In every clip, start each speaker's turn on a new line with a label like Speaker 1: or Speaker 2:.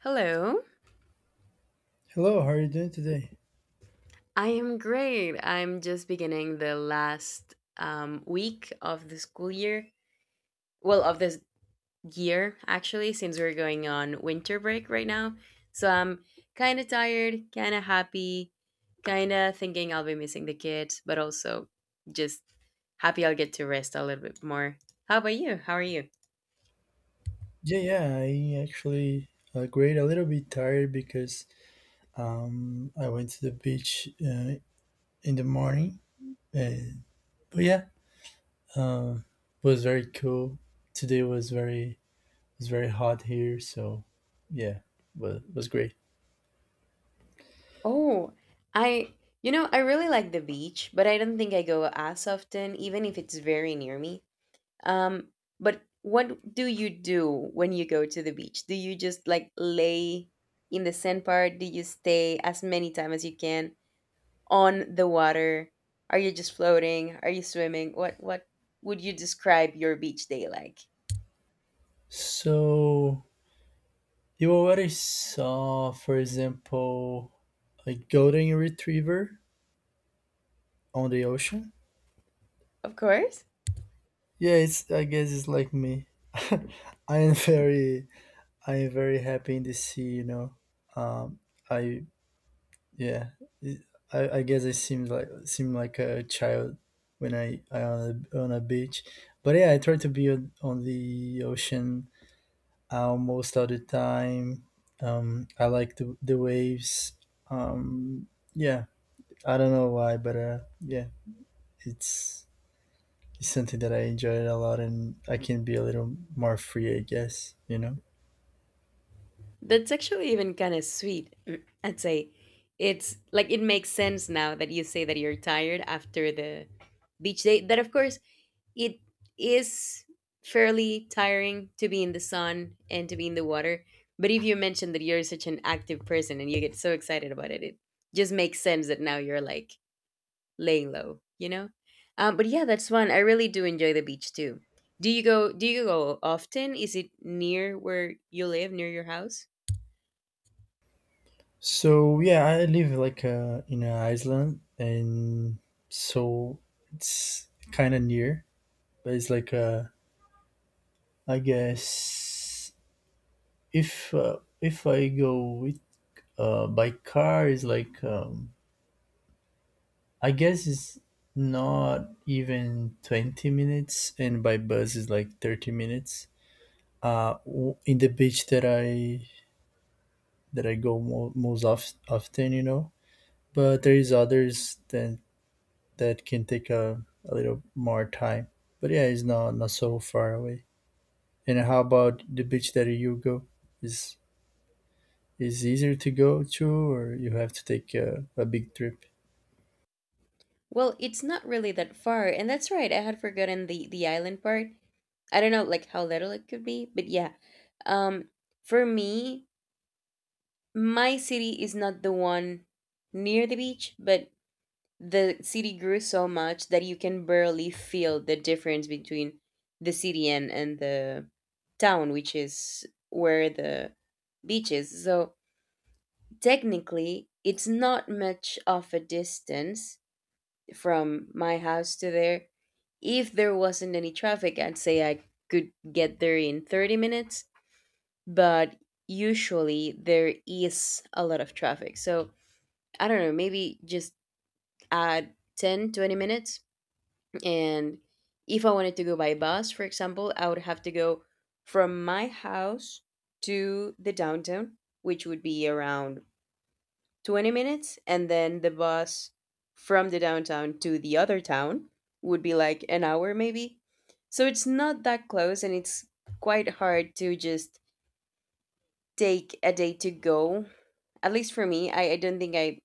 Speaker 1: Hello.
Speaker 2: Hello, how are you doing today?
Speaker 1: I am great. I'm just beginning the last week of the school year. Well, of this year, actually, since we're going on winter break right now. So I'm kind of tired, kind of happy, kind of thinking I'll be missing the kids, but also just happy I'll get to rest a little bit more. How about you? How are you?
Speaker 2: Yeah, yeah, I actually great. A little bit tired because I went to the beach in the morning. Uh, but yeah, uh, it was very cool. Today was very hot here, so yeah, was great.
Speaker 1: Oh, I, I really like the beach, but I don't think I go as often, even if it's very near me. Um, but what do you do when you go to the beach? Do you just like lay in the sand part? Do you stay as many time as you can on the water? Are you just floating? Are you swimming? What would you describe your beach day like?
Speaker 2: So you already saw, for example, a golden retriever on the ocean.
Speaker 1: Of course.
Speaker 2: Yeah, it's I guess it's like me. I am very I'm very happy in the sea. Um, I yeah, it- I guess I seem like a child when I on a beach, but yeah, I try to be on the ocean almost all the time. I like the waves. Um, yeah, I don't know why, but yeah, it's it's something that I enjoy a lot, and I can be a little more free, I guess.
Speaker 1: That's actually even kind of sweet. Mm, I'd say it's like it makes sense now that you say that you're tired after the beach day. That of course it is fairly tiring to be in the sun and to be in the water. But if you mention that you're such an active person and you get so excited about it, it just makes sense that now you're like laying low, you know? But yeah, that's fun. I really do enjoy the beach too. Do you go often? Is it near where you live, near your house?
Speaker 2: So yeah, I live like in an island, and so it's kind of near, but it's like I guess if I go with by car is like I guess it's not even 20 minutes, and by bus is like 30 minutes. In the beach that I go often, you know, but there is others that can take a little more time. But yeah, it's not so far away. And how about the beach that you go? Is is easier to go to, or you have to take a big trip?
Speaker 1: Well, it's not really that far, and that's right. I had forgotten the island part. I don't know like how little it could be, but yeah. Um for me, my city is not the one near the beach, but the city grew so much that you can barely feel the difference between the city and the town, which is where the beach is. So technically, it's not much of a distance from my house to there. If there wasn't any traffic, I'd say I could get there in 30 minutes, but usually there is a lot of traffic. So I don't know, maybe just add 10, 20 minutes. And if I wanted to go by bus, for example, I would have to go from my house to the downtown, which would be around 20 minutes. And then the bus from the downtown to the other town would be like an hour, maybe. So it's not that close and it's quite hard to just take a day to go. At least for me, I don't think I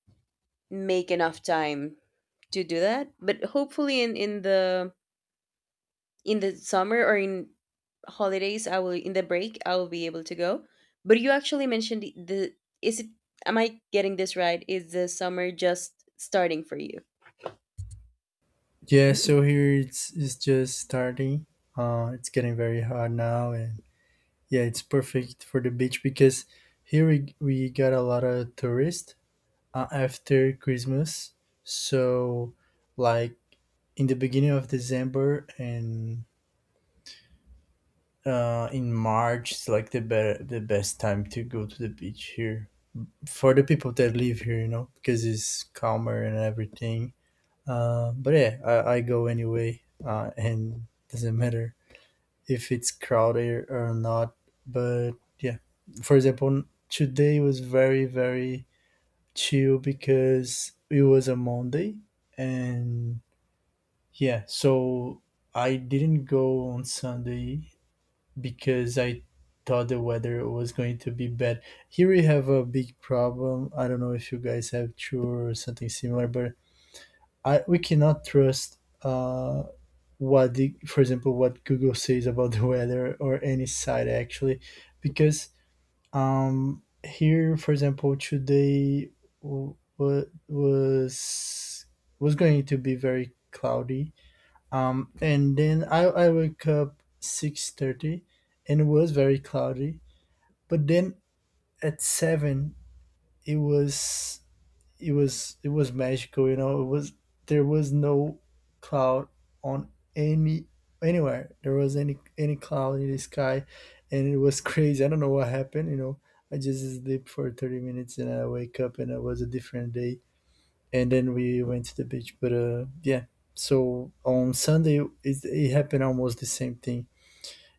Speaker 1: make enough time to do that. But hopefully in the summer or in holidays, I will in the break I will be able to go. But you actually mentioned the is it am I getting this right? Is the summer just starting for you?
Speaker 2: Yeah, so here it's just starting. It's getting very hot now, and yeah, it's perfect for the beach because here we got a lot of tourists after Christmas. So like in the beginning of December and in March it's like the best time to go to the beach here for the people that live here, because it's calmer and everything. But yeah, I go anyway, and doesn't matter if it's crowded or not. But yeah, for example, today was very very chill because it was a Monday, and yeah, so I didn't go on Sunday because I thought the weather was going to be bad. Here we have a big problem. I don't know if you guys have true or something similar, but I we cannot trust what for example, what Google says about the weather or any site actually, because here, for example, today w- wa- was was going to be very cloudy, and then I woke up 6:30 and it was very cloudy. But then at 7 it was it was magical. It was There was no cloud on any anywhere. There was any cloud in the sky, and it was crazy. I don't know what happened. I just sleep for 30 minutes and I wake up and it was a different day and then we went to the beach. But yeah, so on Sunday it happened almost the same thing.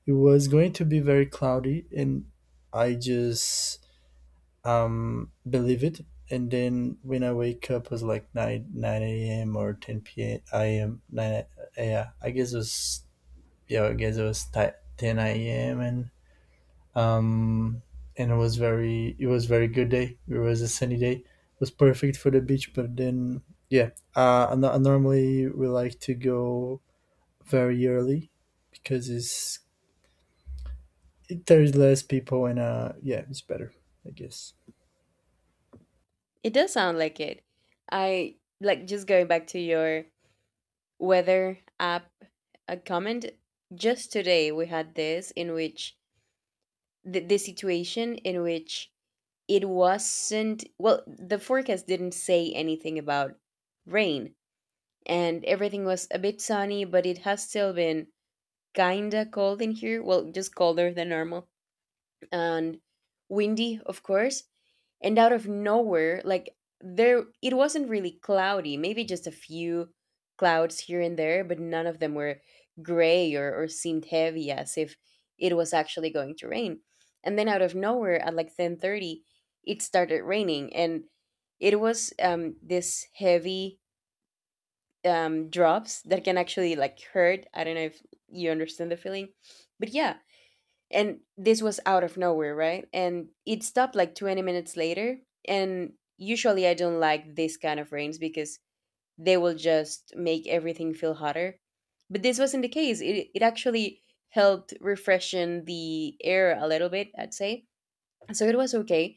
Speaker 2: It was going to be very cloudy, and I just believe it. And then when I wake up, it was like nine a.m. or 10 p.m. am nine. Yeah, I guess it was yeah. I guess it was 10 a.m. Um, and it was very good day. It was a sunny day. It was perfect for the beach, but then yeah, and I normally we like to go very early because there's less people and yeah, it's better, I guess.
Speaker 1: It does sound like it. I like just going back to your weather app a comment. Just today we had this in which the situation in which it wasn't well the forecast didn't say anything about rain, and everything was a bit sunny, but it has still been kinda cold in here, well just colder than normal, and windy of course. And out of nowhere, like, there it wasn't really cloudy, maybe just a few clouds here and there, but none of them were gray or seemed heavy as if it was actually going to rain. And then out of nowhere at like 10:30 it started raining, and it was this heavy drops that can actually like hurt. I don't know if you understand the feeling, but yeah. And this was out of nowhere, right? And it stopped like 20 minutes later. And usually I don't like this kind of rains because they will just make everything feel hotter, but this wasn't the case. It actually helped refreshen the air a little bit, I'd say, so it was okay.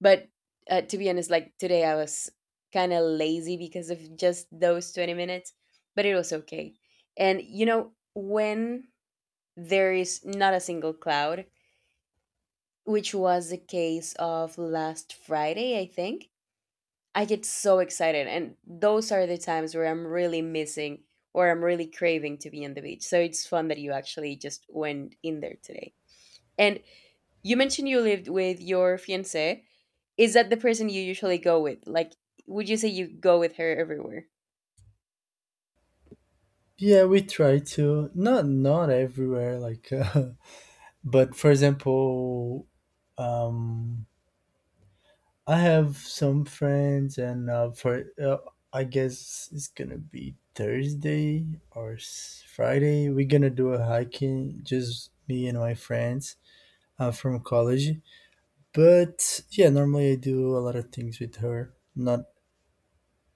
Speaker 1: But to be honest, like today I was kind of lazy because of just those 20 minutes, but it was okay. And you know when there is not a single cloud, which was the case of last Friday, I think. I get so excited, and those are the times where I'm really missing or I'm really craving to be on the beach. So it's fun that you actually just went in there today. And you mentioned you lived with your fiance. Is that the person you usually go with? Like, would you say you go with her everywhere?
Speaker 2: Yeah, we try to not everywhere, like, but for example, um, I have some friends, and for I guess it's gonna be Thursday or Friday. We're gonna do a hiking, just me and my friends from college. But yeah, normally I do a lot of things with her. Not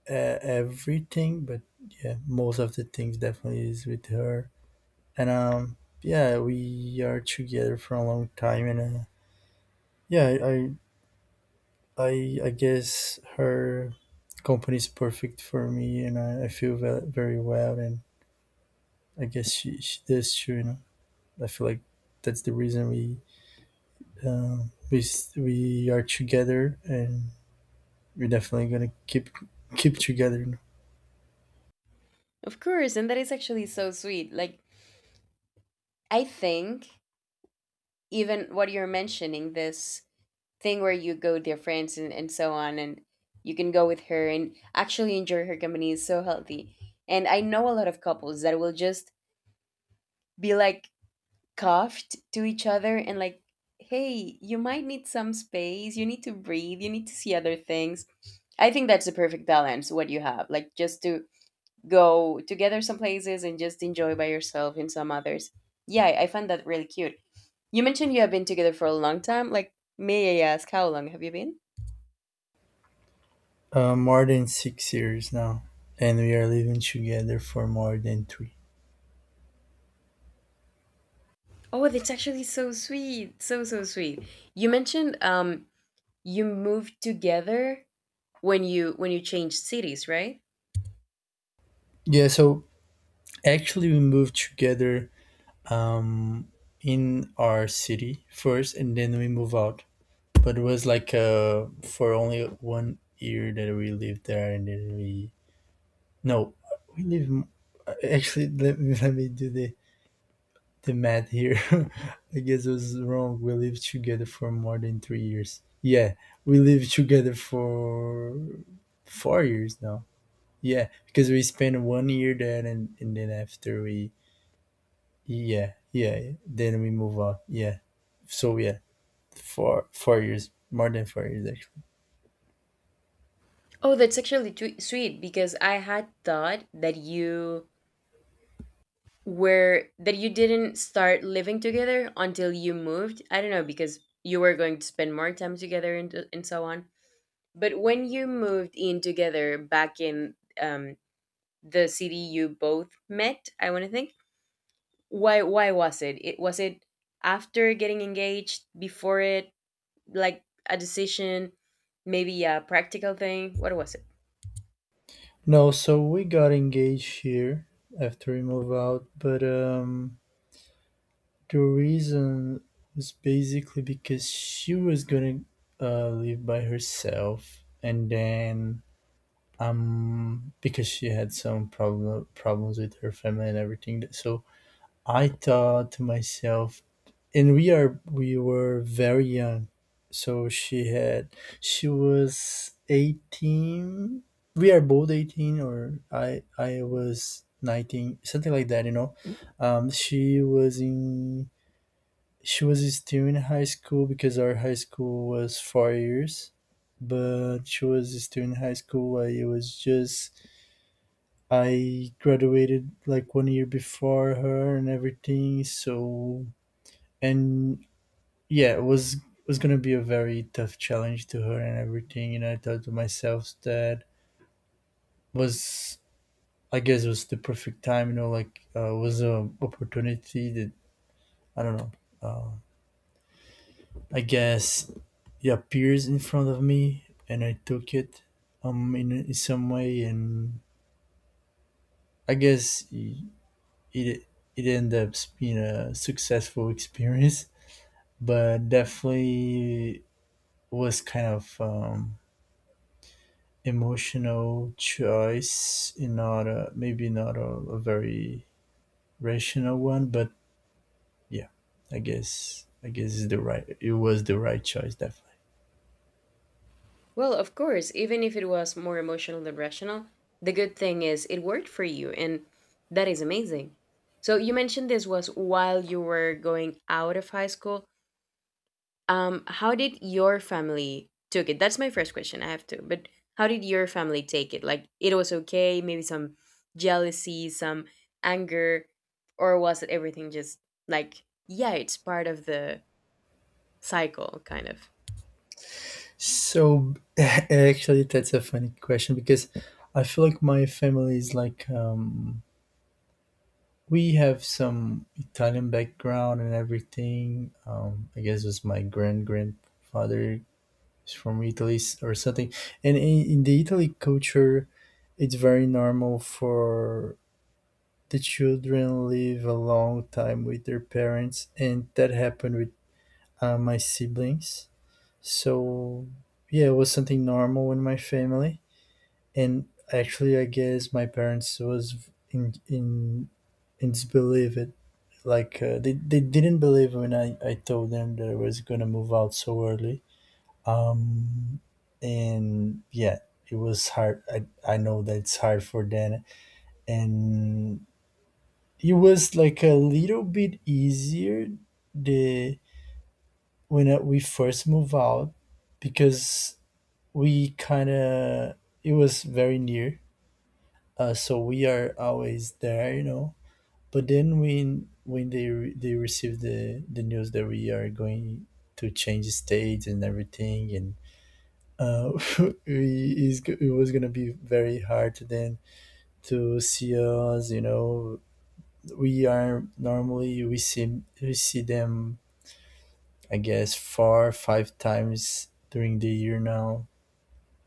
Speaker 2: everything, but yeah, most of the things definitely is with her. And yeah, we are together for a long time, and yeah, I guess her company is perfect for me, and I feel very well. And I guess she does too. You know, I feel like that's the reason we we are together, and we're definitely gonna keep together. You
Speaker 1: Of course, and that is actually so sweet. Like, I think even what you're mentioning, this thing where you go with your friends and so on and you can go with her and actually enjoy her company is so healthy. And I know a lot of couples that will just be like cuffed to each other and like, hey, you might need some space, you need to breathe, you need to see other things. I think that's the perfect balance what you have, like, just to go together some places and just enjoy by yourself in some others. Yeah, I find that really cute. You mentioned you have been together for a long time. Like, may I ask how long have you been
Speaker 2: know? More than 6 years now, and we are living together for more than three.
Speaker 1: Oh, that's actually so sweet. So so sweet. You mentioned you moved together when you changed cities, right?
Speaker 2: Yeah, so actually we moved together um in our city first, and then we move out, but it was like for only 1 year that we lived there, and then we no we actually, let me do the math here. I guess I was wrong. We lived together for more than 3 years. Yeah, we lived together for 4 years now. Yeah, because we spent 1 year there, and then after we, yeah, yeah, yeah. Then we move on. Yeah. So yeah, four years, more than 4 years, actually.
Speaker 1: Oh, that's actually sweet because I had thought that you were that you didn't start living together until you moved. I don't know because you were going to spend more time together and so on. But when you moved in together back in the city you both met, I want to think why was it? After getting engaged, before it, like, a decision, maybe a practical thing? What was it?
Speaker 2: No, so we got engaged here after we moved out, but the reason was basically because she was gonna live by herself, and then because she had some problems with her family and everything. So I thought to myself, and we were very young, so she was 18. We are both 18, or I was 19, something like that. You know, um, she was in she was still in high school because our high school was 4 years, but she was still in high school. I It was just I graduated like 1 year before her and everything, so. And yeah, it was going to be a very tough challenge to her and everything. You know, I thought to myself that was, I guess it was the perfect time, you know, like was an opportunity that I don't know, uh, I guess it appears in front of me and I took it in some way. And I guess it, it ended up being a successful experience, but definitely was kind of emotional choice. In, not a, maybe not a very rational one, but yeah, I guess it's the right, it was the right choice, definitely.
Speaker 1: Well, of course, even if it was more emotional than rational, the good thing is it worked for you, and that is amazing. So you mentioned this was while you were going out of high school. How did your family took it? That's my first question. I have to, but how did your family take it? Like, it was okay, maybe some jealousy, some anger, or was it everything just like, yeah, it's part of the cycle, kind of?
Speaker 2: So, actually that's a funny question because I feel like my family is like, we have some Italian background and everything. I guess it was my grandfather is from Italy, or something. And in the Italy culture, it's very normal for the children live a long time with their parents, and that happened with my siblings. So yeah, it was something normal in my family. And actually, I guess my parents was in disbelief it. Like they didn't believe when I told them that I was gonna move out so early. um, and yeah, it was hard. I know that it's hard for Dan. And it was like a little bit easier the when we first moved out, because we kind of it was very near. So we are always there. But then when they they received the news that we are going to change states and everything. And uh, it was gonna be very hard then to see us. You know, we are normally we see them. I guess four five times during the year now.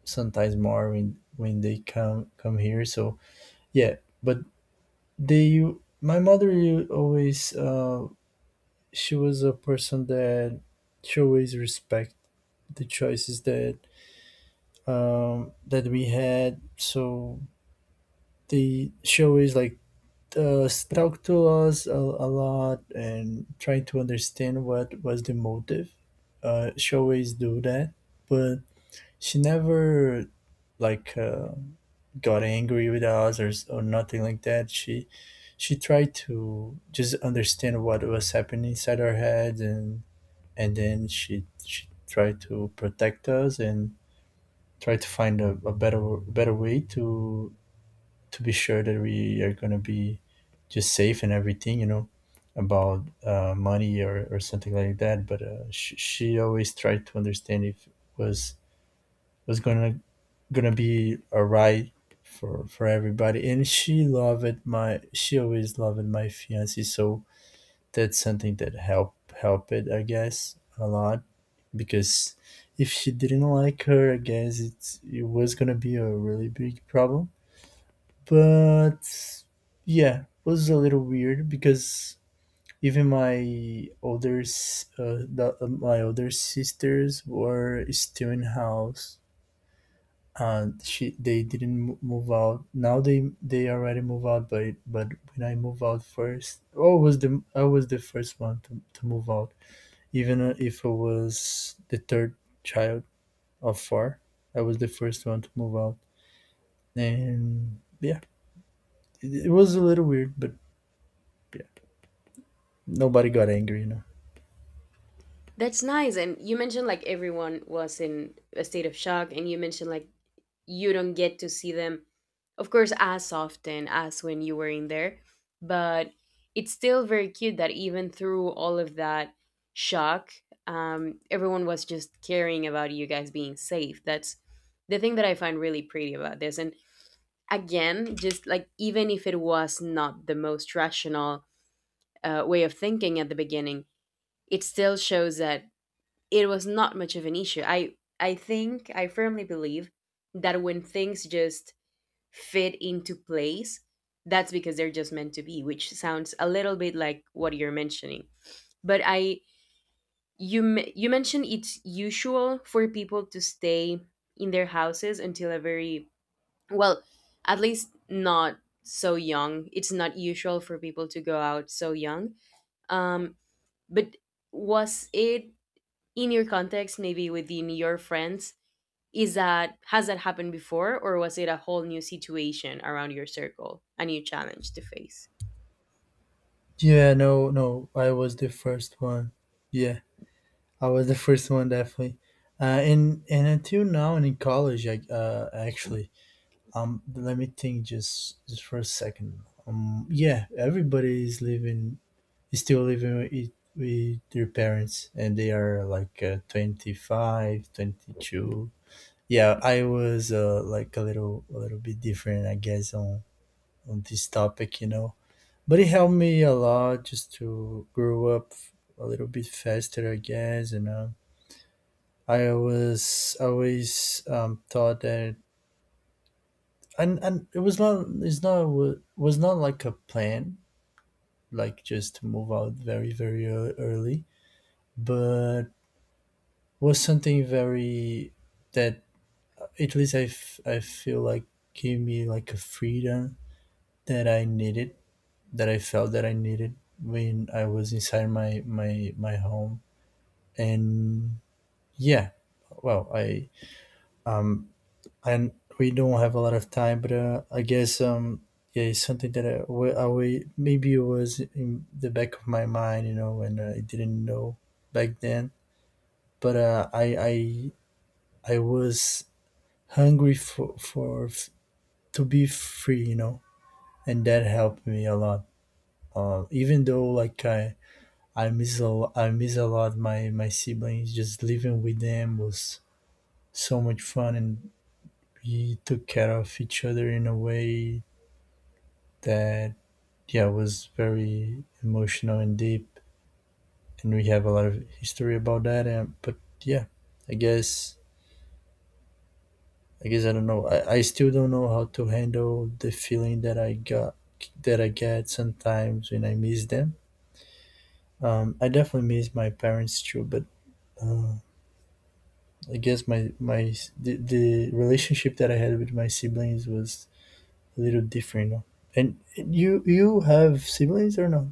Speaker 2: Sometimes more when they come here. So yeah, but they my mother always, she was a person that she always respect the choices that that we had. So the show is like talk to us a lot and trying to understand what was the motive. She always do that, but she never like got angry with us, or nothing like that. She tried to just understand what was happening inside our heads. And then she tried to protect us and try to find a better way to be sure that we are going to be just safe and everything, about money, or something like that. But she always tried to understand if it was gonna be alright for everybody. And she always loved my fiance, so that's something that help it, I guess, a lot, because if she didn't like her, I guess it was gonna be a really big problem. But yeah, it was a little weird because even my my older sisters were still in house, and she they didn't move out. Now they already move out, but when I move out first. Oh, was the I was the first one to move out, even if I was the third child of four. I was the first one to move out, and yeah, it was a little weird, but yeah. Nobody got angry.
Speaker 1: That's nice. And you mentioned like everyone was in a state of shock, and you mentioned like you don't get to see them, of course, as often as when you were in there. But it's still very cute that even through all of that shock, everyone was just caring about you guys being safe. That's the thing that I find really pretty about this. And again, just like even if it was not the most rational way of thinking at the beginning, it still shows that it was not much of an issue. I think I firmly believe that when things just fit into place, that's because they're just meant to be, which sounds a little bit like what you're mentioning. But I you mentioned it's usual for people to stay in their houses until a very well, at least not so young. It's not usual for people to go out so young. Um, but was it in your context, maybe within your friends? Is that has that happened before, or was it a whole new situation around your circle, a new challenge to face?
Speaker 2: Yeah, no, no, I was the first one. Yeah, I was the first one, definitely. And until now and in college, I actually let me think just for a second. Yeah, everybody is living is still living with their parents, and they are like 25, 22. Yeah, I was like a little bit different, I guess, on this topic, you know. But it helped me a lot just to grow up a little bit faster, I guess. You know, I was always thought that. And it was not, it's not, was not like a plan, like just to move out very very early, but was something very that at least I feel like gave me like a freedom that I needed, that I felt that I needed when I was inside my my home, and yeah. Well, I um, and we don't have a lot of time, but I guess yeah, it's something that maybe it was in the back of my mind, you know, and I didn't know back then. But I was hungry for to be free, you know, and that helped me a lot. Even though, like, I miss a lot my siblings. Just living with them was so much fun, and we took care of each other in a way that, yeah, was very emotional and deep, and we have a lot of history about that, and but yeah, i guess I guess I don't know. I still don't know how to handle the feeling that I got that I get sometimes when I miss them. I definitely miss my parents too, but uh, I guess my my the relationship that I had with my siblings was a little different, you know? And you have siblings or not?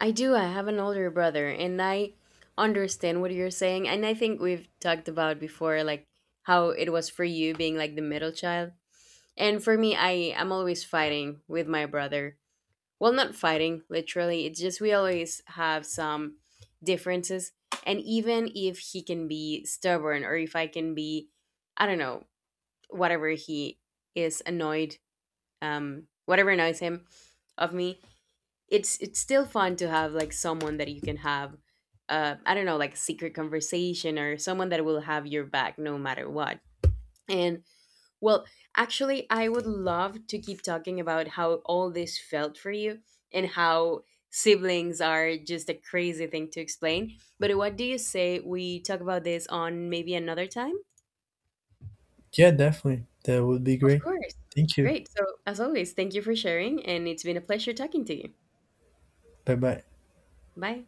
Speaker 1: I do. I have an older brother, and I understand what you're saying, and I think we've talked about before like how it was for you being like the middle child. And for me, I am always fighting with my brother. Well, not fighting, literally. It's just we always have some differences, and even if he can be stubborn or if I can be I don't know, whatever he is annoyed, whatever annoys him of me, it's still fun to have like someone that you can have, I don't know, like a secret conversation or someone that will have your back no matter what. And well, actually, I would love to keep talking about how all this felt for you and how siblings are just a crazy thing to explain. But what do you say we talk about this on maybe another time?
Speaker 2: Yeah, definitely. That would be
Speaker 1: Of
Speaker 2: great.
Speaker 1: course.
Speaker 2: Thank you.
Speaker 1: Great. So, as always, thank you for sharing, and it's been a pleasure talking to you.
Speaker 2: Bye bye.
Speaker 1: Bye.